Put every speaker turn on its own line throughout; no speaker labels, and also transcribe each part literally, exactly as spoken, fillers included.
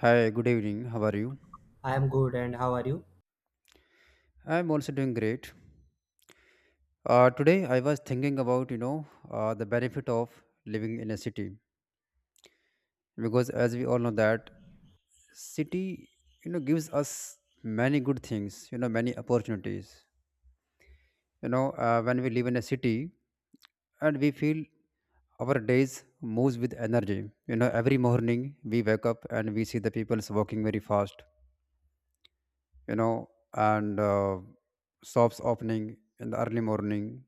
Hi, good evening. How are you?
I am good, and how are you?
I'm also doing great. Uh, today, I was thinking about you know uh, the benefit of living in a city because, as we all know, that city you know gives us many good things. You know, many opportunities. You know, uh, when we live in a city and we feel our days moves with energy. You know, every morning we wake up and we see the people's walking very fast. You know, and uh, shops opening in the early morning,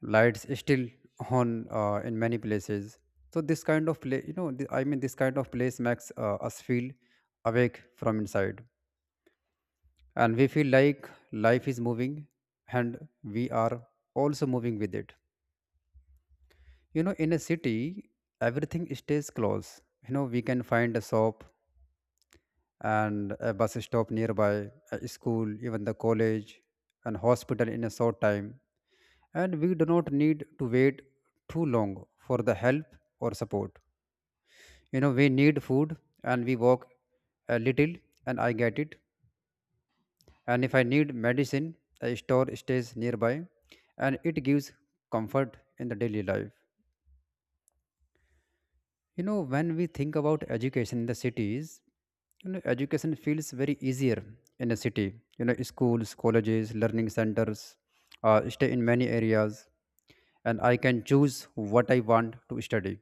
lights still on uh, in many places. So this kind of place, you know th- i mean this kind of place makes uh, us feel awake from inside, and we feel like life is moving and we are also moving with it. You know, in a city everything stays close. You know, we can find a shop and a bus stop nearby, a school, even the college and hospital in a short time, and we do not need to wait too long for the help or support. You know, we need food and we walk a little and I get it. And if I need medicine, a store stays nearby, and it gives comfort in the daily life. You know, when we think about education in the cities, you know, education feels very easier in a city. You know, schools, colleges, learning centers uh, stay in many areas, and I can choose what I want to study.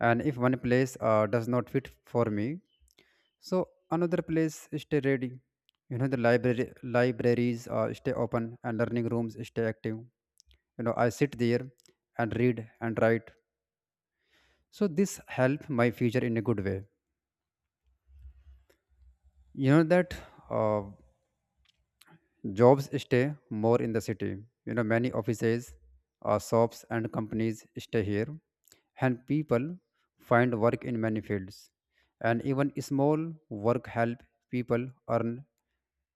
And if one place uh, does not fit for me, so another place stay ready. You know, the library libraries uh, stay open and learning rooms stay active. You know, I sit there and read and write. So this help my future in a good way. You know that uh, jobs stay more in the city. You know, many offices, uh, shops and companies stay here, and people find work in many fields. And even small work help people earn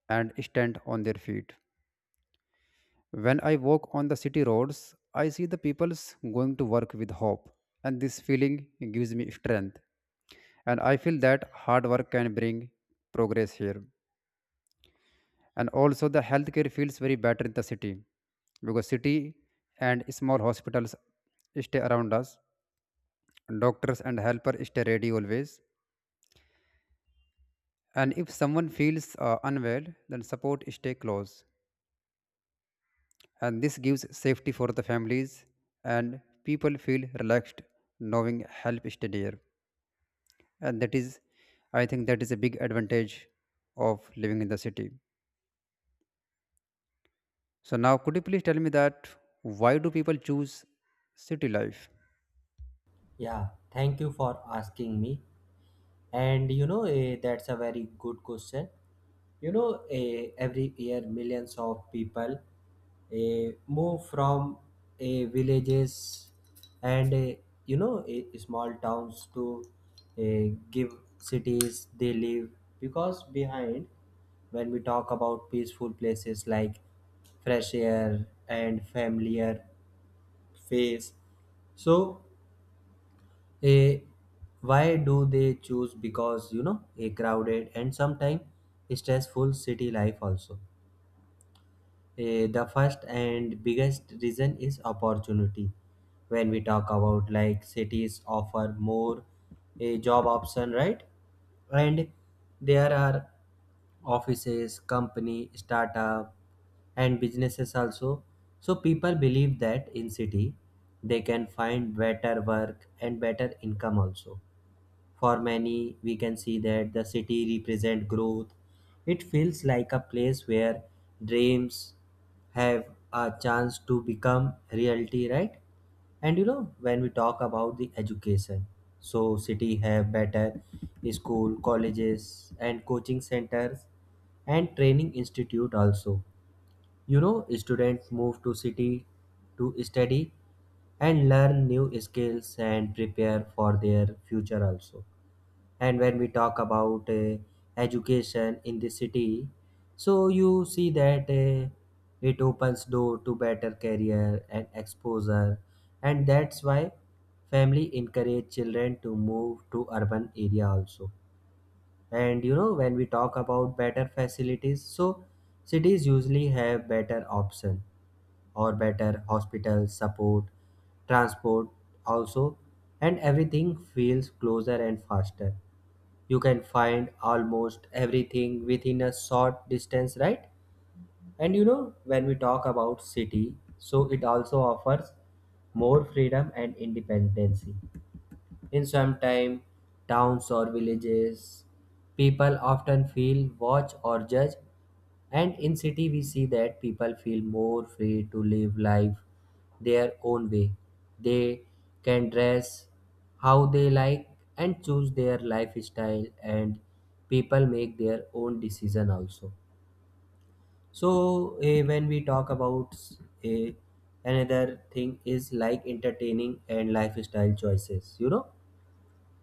and stand on their feet. When I walk on the city roads, I see the people's going to work with hope, and this feeling gives me strength. And I feel that hard work can bring progress here. And also the healthcare feels very better in the city because city and small hospitals stay around us. Doctors and helpers stay ready always. And if someone feels uh, unwell, then support stay close. And this gives safety for the families, and people feel relaxed knowing help is there. And that is, I think that is a big advantage of living in the city. So now, could you please tell me that why do people choose city life?
Yeah, thank you for asking me. And you know, eh, that's a very good question. You know, eh, every year millions of people eh, move from eh, villages and eh, you know eh, small towns to eh, give cities they live because behind when we talk about peaceful places like fresh air and familiar face, so a why do they choose, because you know a crowded and sometimes stressful city life also. Eh, the first and biggest reason is opportunity. When we talk about, like, cities offer more a job option, right? And there are offices, company, startup, and businesses also. So people believe that in city they can find better work and better income also. For many, we can see that the city represent growth. It feels like a place where dreams have a chance to become reality, right? And you know, when we talk about the education, so city have better school, colleges, and coaching centers and training institute also. You know, students move to city to study and learn new skills and prepare for their future also. And when we talk about uh, education in the city, so you see that uh, it opens door to better career and exposure, and that's why family encourage children to move to urban area also. And you know, when we talk about better facilities, so cities usually have better option or better hospital support, transport also, and everything feels closer and faster. You can find almost everything within a short distance, right? And you know, when we talk about city, so it also offers more freedom and independence. In some time, towns or villages, people often feel watch or judge, and in city we see that people feel more free to live life their own way. They can dress how they like and choose their lifestyle, and people make their own decision also. So eh, when we talk about eh, another thing is like entertaining and lifestyle choices, you know,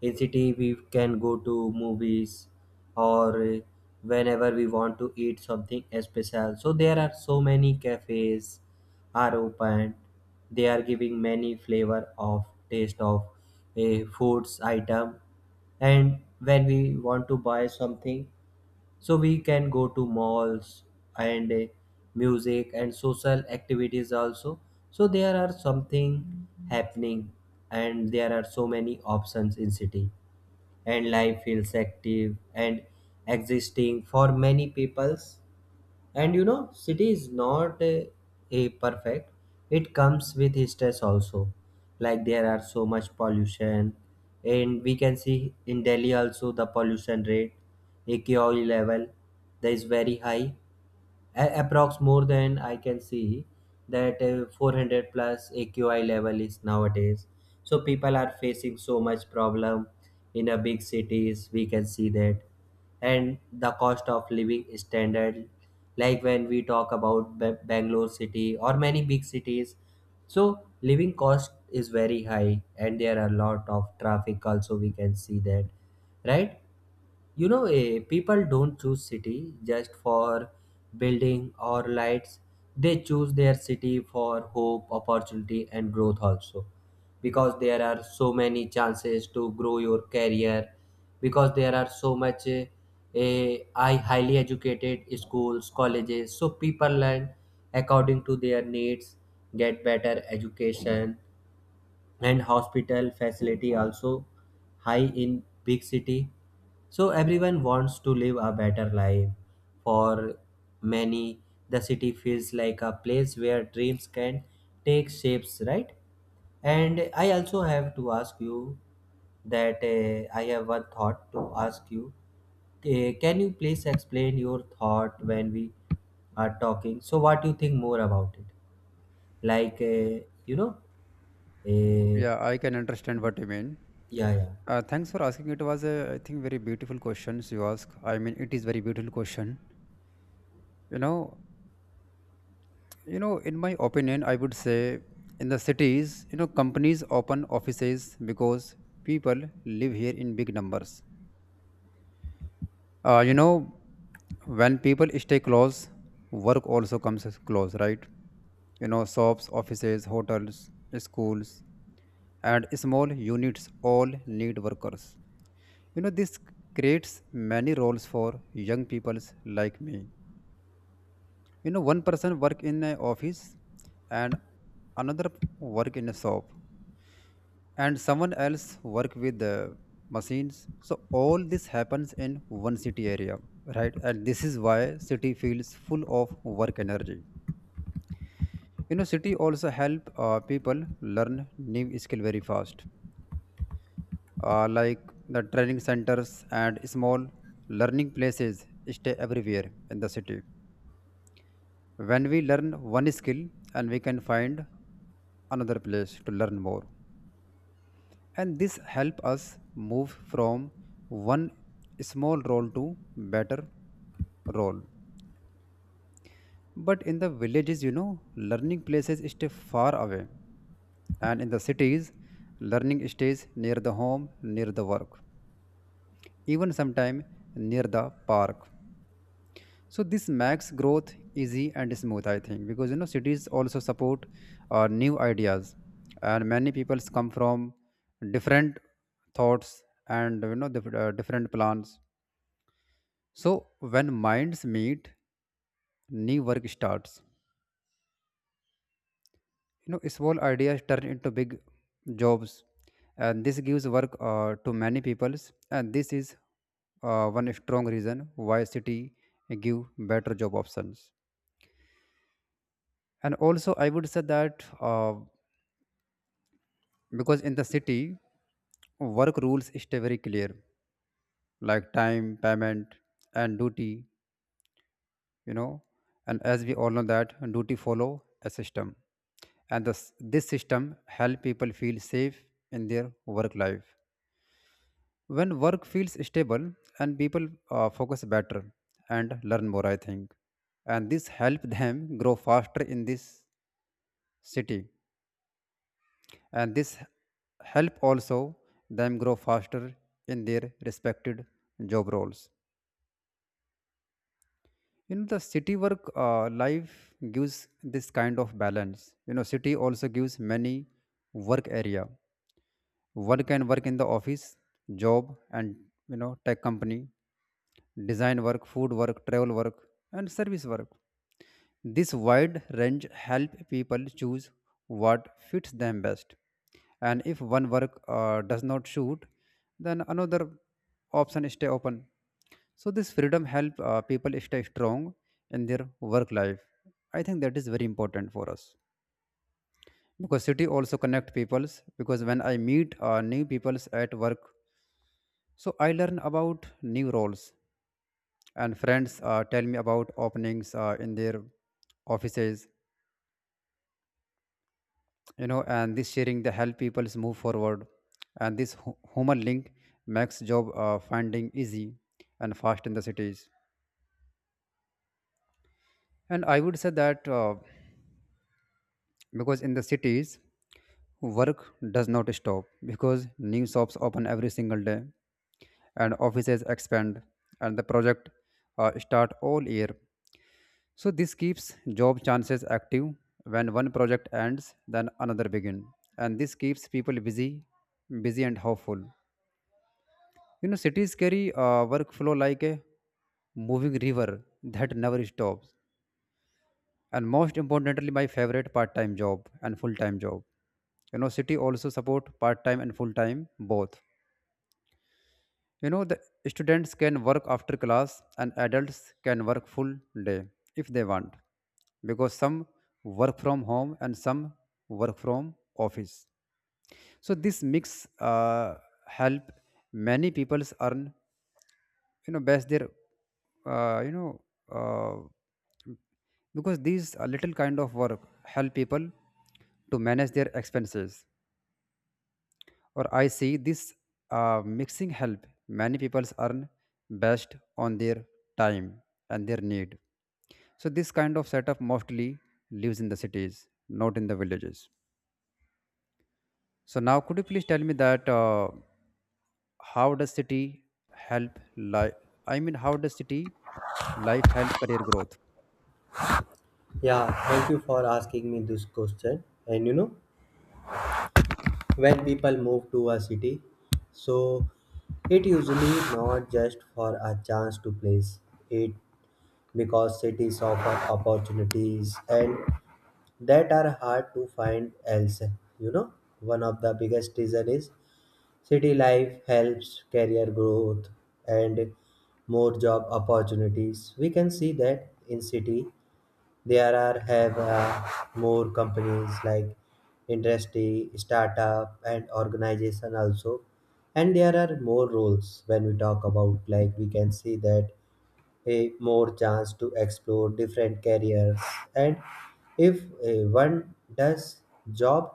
in city we can go to movies or uh, whenever we want to eat something special, so there are so many cafes are open. They are giving many flavor of taste of a foods item. And when we want to buy something, so we can go to malls and uh, music and social activities also. So there are something happening and there are so many options in city, and life feels active and existing for many peoples. And you know, city is not a, a perfect. It comes with stress also. Like there are so much pollution, and we can see in Delhi also the pollution rate, A Q I level, that is very high. A- approx more than I can see that uh, four hundred plus A Q I level is nowadays. So people are facing so much problem in a big cities, we can see that. And the cost of living standard, like when we talk about Ba- bangalore city or many big cities, so living cost is very high and there are a lot of traffic also, we can see that, right? You know, eh, people don't choose city just for building or lights. They choose their city for hope, opportunity, and growth also. Because there are so many chances to grow your career. Because there are so much eh, eh, I highly educated schools, colleges. So people learn according to their needs, get better education, and hospital facility also high in big city. So everyone wants to live a better life. For many, the city feels like a place where dreams can take shapes, right? And I also have to ask you that uh, I have one thought to ask you. Eh, can you please explain your thought? When we are talking, so what do you think more about it? Like uh, you know uh,
Yeah, I can understand what you mean.
yeah, yeah.
Uh, thanks for asking. It was a I think very beautiful questions you ask I mean it is very beautiful question, you know. You know, in my opinion, I would say in the cities, you know, companies open offices because people live here in big numbers. Uh, you know, when people stay close, work also comes as close, right? You know, shops, offices, hotels, schools, and small units all need workers. You know, this creates many roles for young people like me. You know, one person work in an office and another work in a shop, and someone else work with the machines. So all this happens in one city area, right? And this is why city feels full of work energy. You know, city also help uh, people learn new skill very fast, uh, like the training centers and small learning places stay everywhere in the city. When we learn one skill, and we can find another place to learn more, and this help us move from one small role to better role. But in the villages, you know, learning places stay far away, and in the cities learning stays near the home, near the work, even sometimes near the park. So this makes growth easy and smooth, I think, because you know cities also support uh, new ideas, and many people come from different thoughts and you know the, uh, different plans. So when minds meet, new work starts. You know, small ideas turn into big jobs, and this gives work uh, to many peoples. And this is uh, one strong reason why city give better job options. And also, I would say that uh, because in the city, work rules stay very clear, like time, payment, and duty. You know, and as we all know that duty follow a system, and this, this system help people feel safe in their work life. When work feels stable, and people uh, focus better and learn more, I think, and this help them grow faster in this city. And this help also them grow faster in their respected job roles. You know, the city work uh, life gives this kind of balance. You know, city also gives many work area. One can work in the office job and, you know, tech company, design work, food work, travel work, and service work. This wide range help people choose what fits them best. And if one work uh, does not suit, then another option stay open. So this freedom help uh, people stay strong in their work life. I think that is very important for us because city also connect peoples. Because when I meet uh, new peoples at work, so I learn about new roles, and friends uh, tell me about openings uh, in their offices. You know, and this sharing they help peoples move forward, and this hu- human link makes job uh, finding easy and fast in the cities. And I would say that uh, because in the cities, work does not stop because new shops open every single day, and offices expand, and the project uh, start all year. So this keeps job chances active. When one project ends, then another begin, and this keeps people busy busy and hopeful. You know, cities carry uh, workflow like a moving river that never stops. And most importantly, my favorite, part time job and full time job. You know, city also support part time and full time both. You know, the students can work after class, and adults can work full day if they want, because some work from home and some work from office. So this mix uh, help many people's earn, you know best their uh, you know uh, because these uh, little kind of work help people to manage their expenses. Or I see this uh, mixing help many people earn based on their time and their need. So this kind of setup mostly lives in the cities, not in the villages. So now, could you please tell me that uh, how does city help life? I mean, how does city life help career growth?
Yeah, thank you for asking me this question. And you know, when people move to a city, so it usually not just for a chance to place it, because cities offer opportunities and that are hard to find else. You know, one of the biggest reason is city life helps career growth and more job opportunities. We can see that in city there are have uh, more companies like industry, startup, and organization also. And there are more roles. When we talk about, like, we can see that a more chance to explore different careers, and if eh, one does job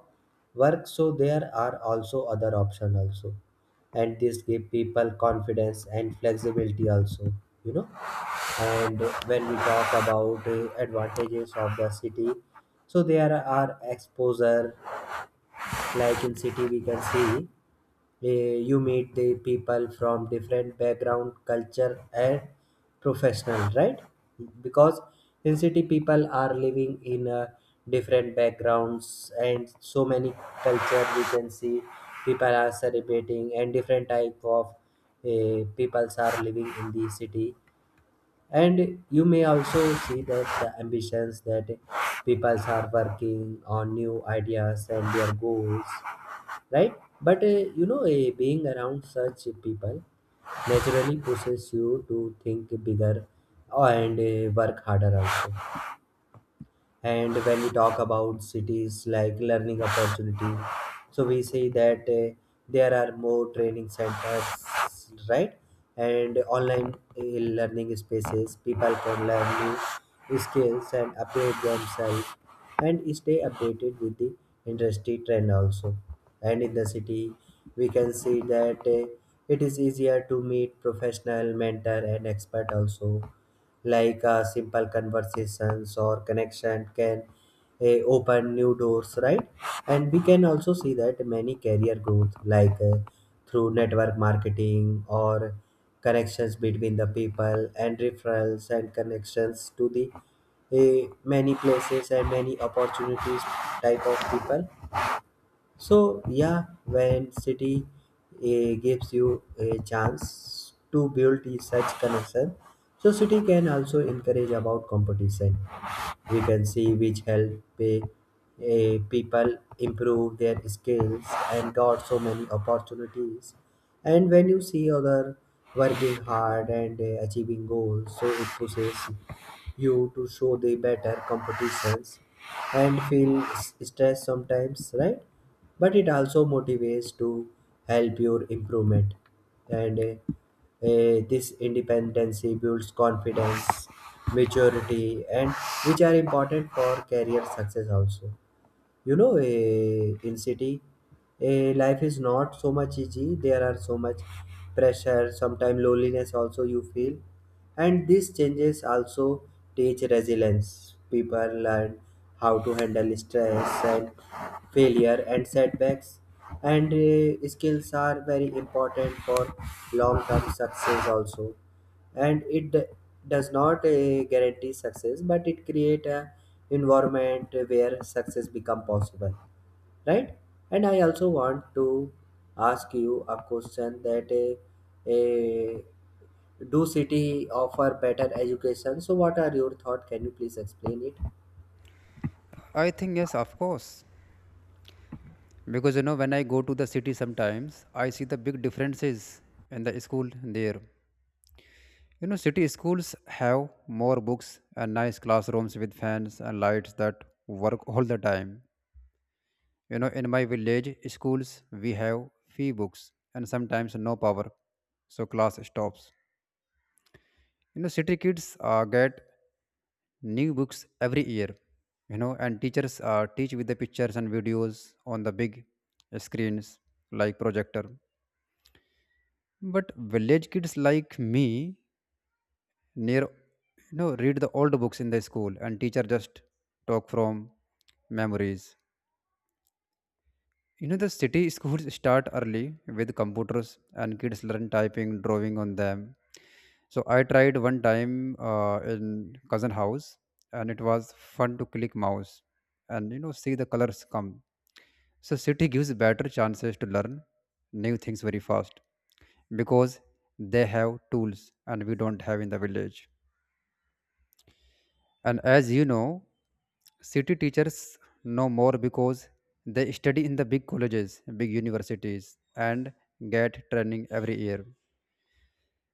work, so there are also other options also, and this give people confidence and flexibility also. You know, and when we talk about uh, advantages of the city, so there are exposure, like in city we can see, Eh, you meet the people from different background, culture, and professional, right? Because in city people are living in uh, different backgrounds, and so many culture we can see, people are celebrating, and different type of uh, peoples are living in the city. And you may also see that the ambitions, that peoples are working on new ideas and their goals, right? But uh, you know, uh, being around such people naturally pushes you to think bigger uh, and uh, work harder also. And when we talk about cities like learning opportunity, so we say that uh, there are more training centers, right? And online uh, learning spaces, people can learn new skills and upgrade themselves and stay updated with the industry trend also. And in the city, we can see that uh, it is easier to meet professional mentor and expert also. Like uh, simple conversations or connection can uh, open new doors, right? And we can also see that many career growth, like uh, through network marketing or connections between the people and referrals and connections to the uh, many places and many opportunities type of people. So yeah, when city eh, gives you a chance to build the such connection, so city can also encourage about competition. We can see which help eh, eh, people improve their skills and got so many opportunities. And when you see other working hard and eh, achieving goals, so it pushes you to show the better competitions and feel s- stress sometimes, right? But it also motivates to help your improvement. And uh, uh, this independency builds confidence, maturity, and which are important for career success also. You know, eh, in city, eh, life is not so much easy. There are so much pressure, sometimes loneliness also you feel. And these changes also teach resilience. People learn how to handle stress and failure and setbacks. And eh, skills are very important for long term success also. And it d- does not uh, guarantee success, but it create a environment where success become possible, right? And I also want to ask you a question that uh, uh, do city offer better education? So what are your thought? Can you please explain it?
I think yes, of course. Because you know, when I go to the city sometimes, I see the big differences in the school there. You know, city schools have more books and nice classrooms with fans and lights that work all the time. You know, in my village schools, we have few books and sometimes no power, so class stops. You know, city kids uh, get new books every year. You know, and teachers uh, teach with the pictures and videos on the big screens like projector. But village kids like me near, you know, read the old books in the school, and teacher just talk from memories. You know, the city schools start early with computers, and kids learn typing, drawing on them. So I tried one time uh, in cousin house, and it was fun to click mouse and, you know, see the colors come. So city gives better chances to learn new things very fast because they have tools and we don't have in the village. And as you know, city teachers know more because they study in the big colleges, big universities, and get training every year.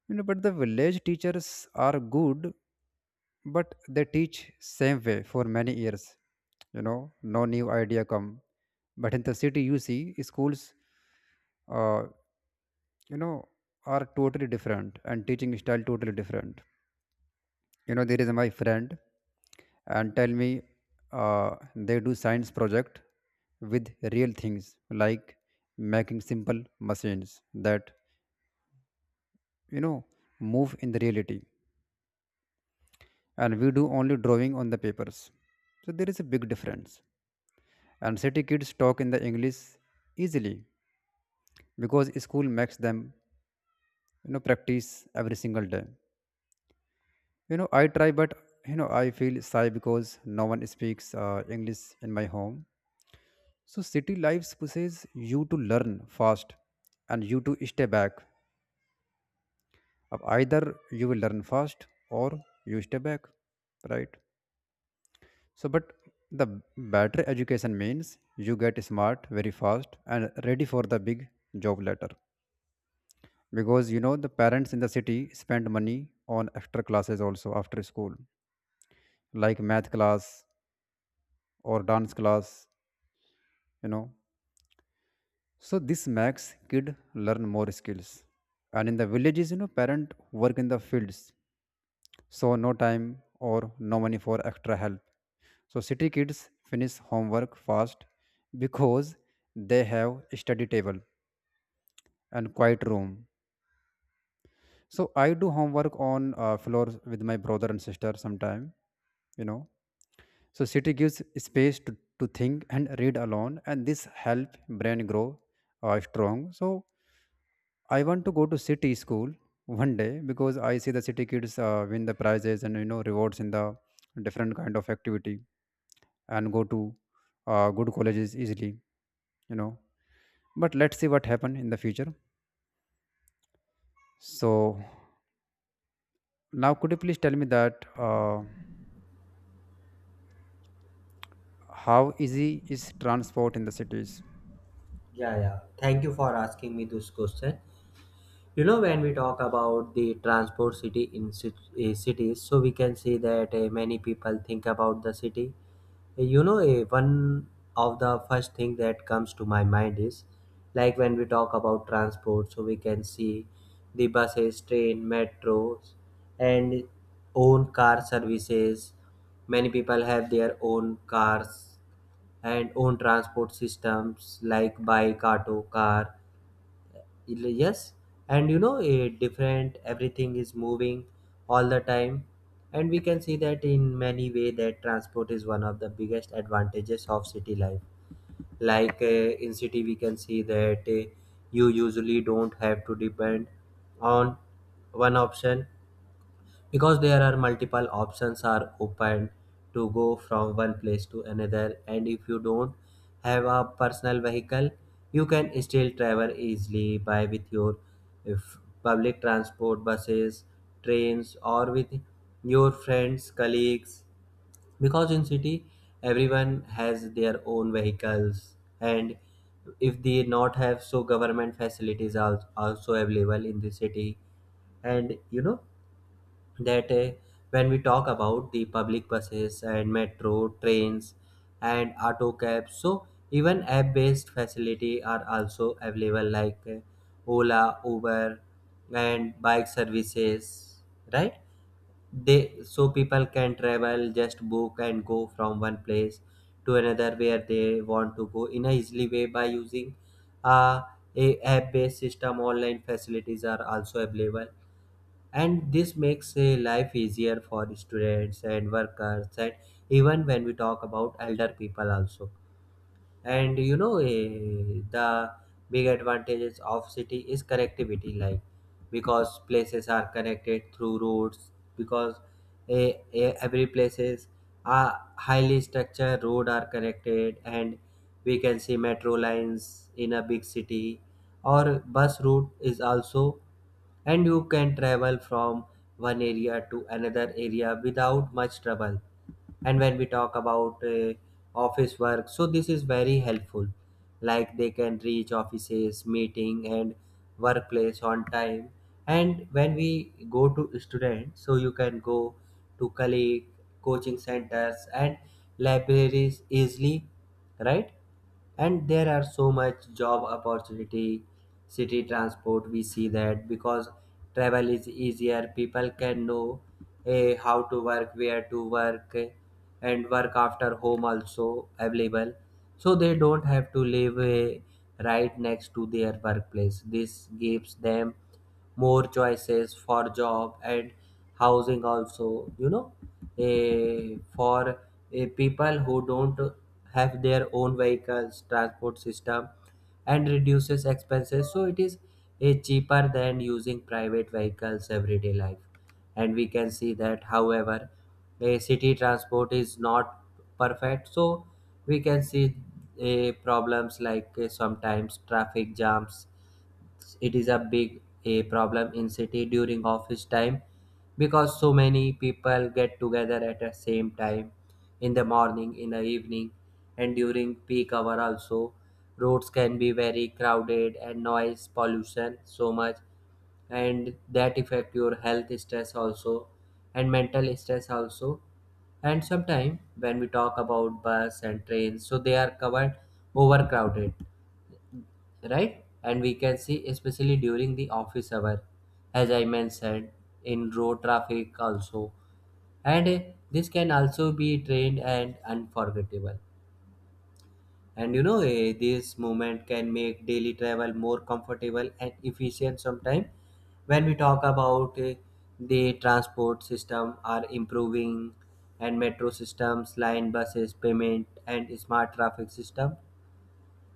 You know, but the village teachers are good, but they teach same way for many years. You know, no new idea come. But in the city, you see schools, uh, you know, are totally different, and teaching style totally different. You know, there is my friend, and tell me uh, they do science project with real things, like making simple machines that, you know, move in the reality, and we do only drawing on the papers. So there is a big difference. And city kids talk in the English easily because school makes them, you know, practice every single day. You know, I try, but you know, I feel shy because no one speaks uh, English in my home. So city life pushes you to learn fast and you to stay back. Ab either you will learn fast or you stay back, right? So, but the better education means you get smart very fast and ready for the big job later. Because you know the parents in the city spend money on extra classes also after school, like math class or dance class, you know. So this makes kid learn more skills. And in the villages, you know, parent work in the fields, so no time or no money for extra help. So city kids finish homework fast because they have study table and quiet room. So I do homework on uh, floor with my brother and sister sometime, you know. So city gives space to, to think and read alone, and this help brain grow uh, strong. So I want to go to city school one day because I see the city kids uh, win the prizes and you know rewards in the different kind of activity and go to uh, good colleges easily, you know. But let's see what happen in the future. So now, could you please tell me that uh, how easy is transport in the cities?
Yeah, yeah, thank you for asking me this question. You know, when we talk about the transport city in cit- uh, cities, so we can see that uh, many people think about the city. Uh, you know, eh, one of the first thing that comes to my mind is, like, when we talk about transport, so we can see the buses, train, metros, and own car services. Many people have their own cars and own transport systems like bike, auto, car. Yes. And you know, a different everything is moving all the time. And we can see that in many way that transport is one of the biggest advantages of city life. Like uh, in city we can see that uh, you usually don't have to depend on one option, because there are multiple options are open to go from one place to another. And if you don't have a personal vehicle, you can still travel easily by with your if public transport, buses, trains, or with your friends, colleagues. Because in city everyone has their own vehicles, and if they not have, so government facilities are also available in the city. And you know that uh, when we talk about the public buses and metro trains and auto cabs, so even app based facility are also available, like uh, Ola, Uber, and bike services, right? They, so people can travel, just book and go from one place to another where they want to go in a easily way by using uh, a app based system. Online facilities are also available, and this makes uh, life easier for students and workers, and even when we talk about elder people also. And you know, uh, the big advantages of city is connectivity, like because places are connected through roads. Because uh, uh, every places are highly structured, road are connected, and we can see metro lines in a big city or bus route is also. And you can travel from one area to another area without much trouble. And when we talk about uh, office work, so this is very helpful. Like they can reach offices, meeting, and workplace on time. And when we go to students, so you can go to colleague, coaching centers, and libraries easily, right? And there are so much job opportunity, city transport we see that. Because travel is easier, people can know eh, how to work, where to work, eh, and work after home also available. So they don't have to live eh, right next to their workplace. This gives them more choices for job and housing also. You know, eh, for eh, people who don't have their own vehicles, transport system and reduces expenses. So it is eh, cheaper than using private vehicles everyday life. And we can see that however a city transport is not perfect, so we can see eh, problems like eh, sometimes traffic jams. It is a big a problem in city during office time, because so many people get together at the same time in the morning, in the evening, and during peak hour also. Roads can be very crowded and noise pollution so much, and that affect your health, stress also, and mental stress also. And sometime when we talk about bus and trains, so they are covered, overcrowded, right? And we can see, especially during the office hour, as I mentioned, in road traffic also. And eh, this can also be trained and unforgettable. And you know, eh, this movement can make daily travel more comfortable and efficient sometimes. When we talk about, eh, the transport system are improving, and metro systems, line buses, payment, and smart traffic system.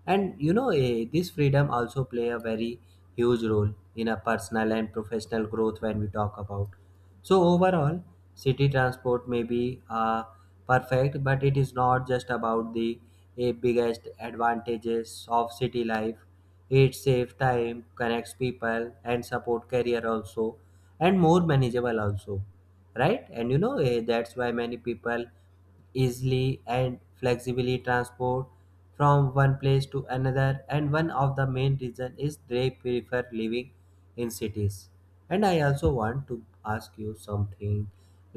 And you know, eh, this freedom also play a very huge role in a personal and professional growth when we talk about. So overall, city transport may be uh, perfect, but it is not just about the eh, biggest advantages of city life. It saves time, connects people, and support career also, and more manageable also, right? And you know, eh, that's why many people easily and flexibly transport from one place to another, and one of the main reason is they prefer living in cities. And I also want to ask you something,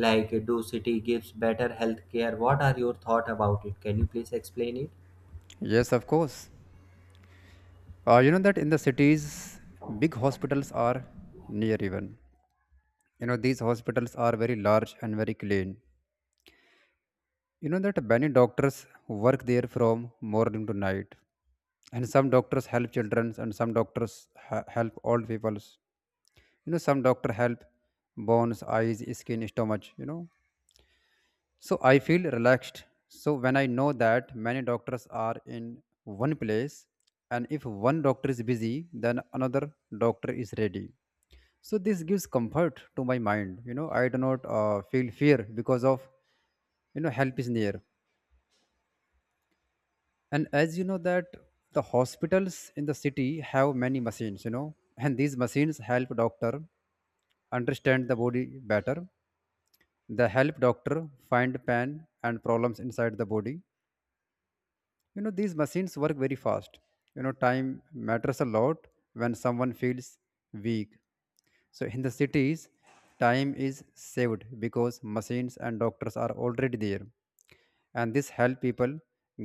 like do city gives better health care? What are your thought about it? Can you please explain it?
Yes, of course. Uh, you know that in the cities, big hospitals are near even. You know these hospitals are very large and very clean, you know that many doctors work there from morning to night. And some doctors help children and some doctors ha- help old people, you know some doctor help bones, eyes, skin, stomach, you know. So I feel relaxed so when I know that many doctors are in one place. And if one doctor is busy, then another doctor is ready. So this gives comfort to my mind, you know I do not uh, feel fear because, of you know, help is near. And as you know that the hospitals in the city have many machines, you know, and these machines help doctor understand the body better. They help doctor find pain and problems inside the body. You know these machines work very fast, you know time matters a lot when someone feels weak. So in the cities, time is saved because machines and doctors are already there. And this help people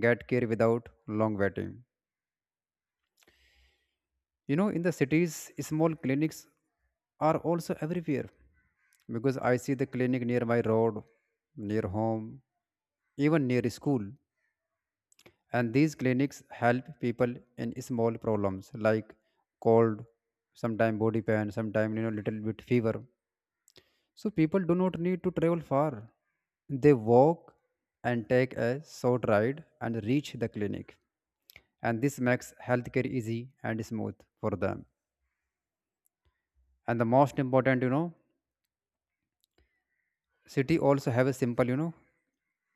get care without long waiting. You know, in the cities, small clinics are also everywhere, because I see the clinic near my road, near home, even near school. And these clinics help people in small problems like cold, sometimes body pain, sometimes you know little bit fever. So people do not need to travel far. They walk and take a short ride and reach the clinic. And this makes healthcare easy and smooth for them. And the most important, you know, city also have a simple, you know,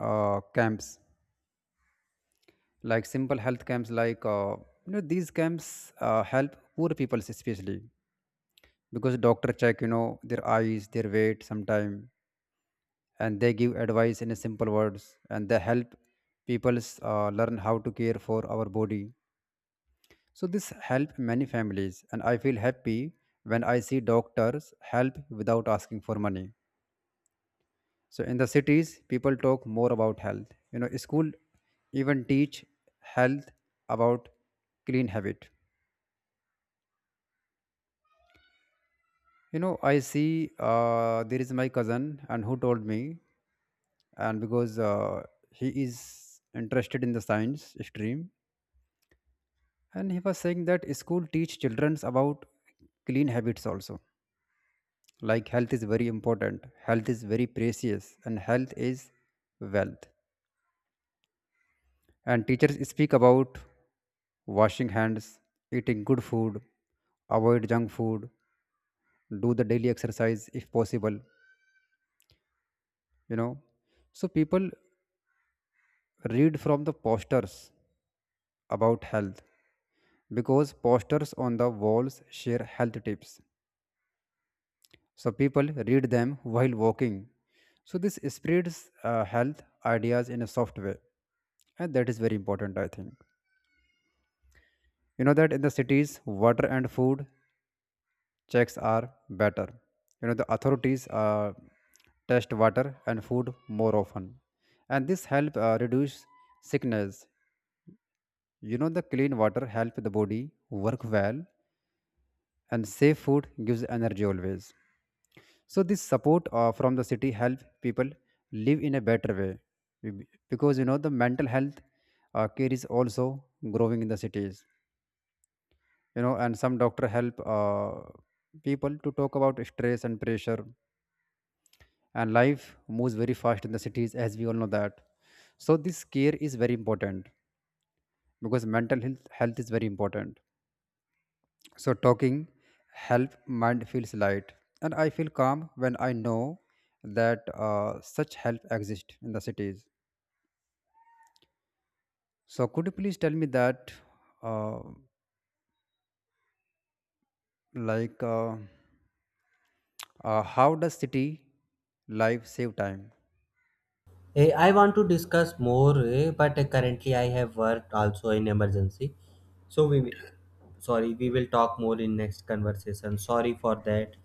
uh, camps, like simple health camps like uh, you know these camps uh, help poor people especially, because doctor check you know their eyes, their weight sometime, and they give advice in a simple words, and they help people uh, learn how to care for our body. So this help many families and I feel happy when I see doctors help without asking for money. So in the cities, people talk more about health. You know, school even teach health about clean habit. You know, I see uh, there is my cousin and who told me, and because uh, he is interested in the science stream, and he was saying that school teach childrens about clean habits also. Like health is very important, health is very precious, and health is wealth. And teachers speak about washing hands, eating good food, avoid junk food, do the daily exercise if possible, you know. So people read from the posters about health because posters on the walls share health tips. So people read them while walking. So this spreads uh, health ideas in a soft way, and that is very important I think. You know that in the cities water and food checks are better. You know, the authorities uh, test water and food more often, and this help uh, reduce sickness. You know, the clean water help the body work well, and safe food gives energy always. So this support uh, from the city help people live in a better way. Be- because you know the mental health uh, care is also growing in the cities. You know, and some doctor help uh, people to talk about stress and pressure, and life moves very fast in the cities as we all know that. So this care is very important because mental health, health is very important. So talking help mind feels light, and I feel calm when I know that uh, such help exists in the cities. So could you please tell me that uh, like uh, uh, how does city life save time?
Eh, I want to discuss more, eh, but eh, currently I have work also in emergency. So we will, sorry, we will talk more in next conversation. Sorry for that,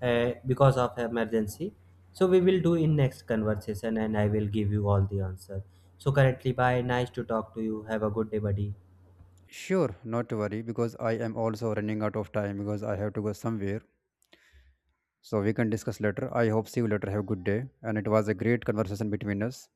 eh, because of emergency. So we will do in next conversation, and I will give you all the answer. So currently, bye. Nice to talk to you. Have a good day, buddy.
Sure, not to worry because I am also running out of time, because I have to go somewhere. So we can discuss later. I hope see you later. Have a good day. And it was a great conversation between us.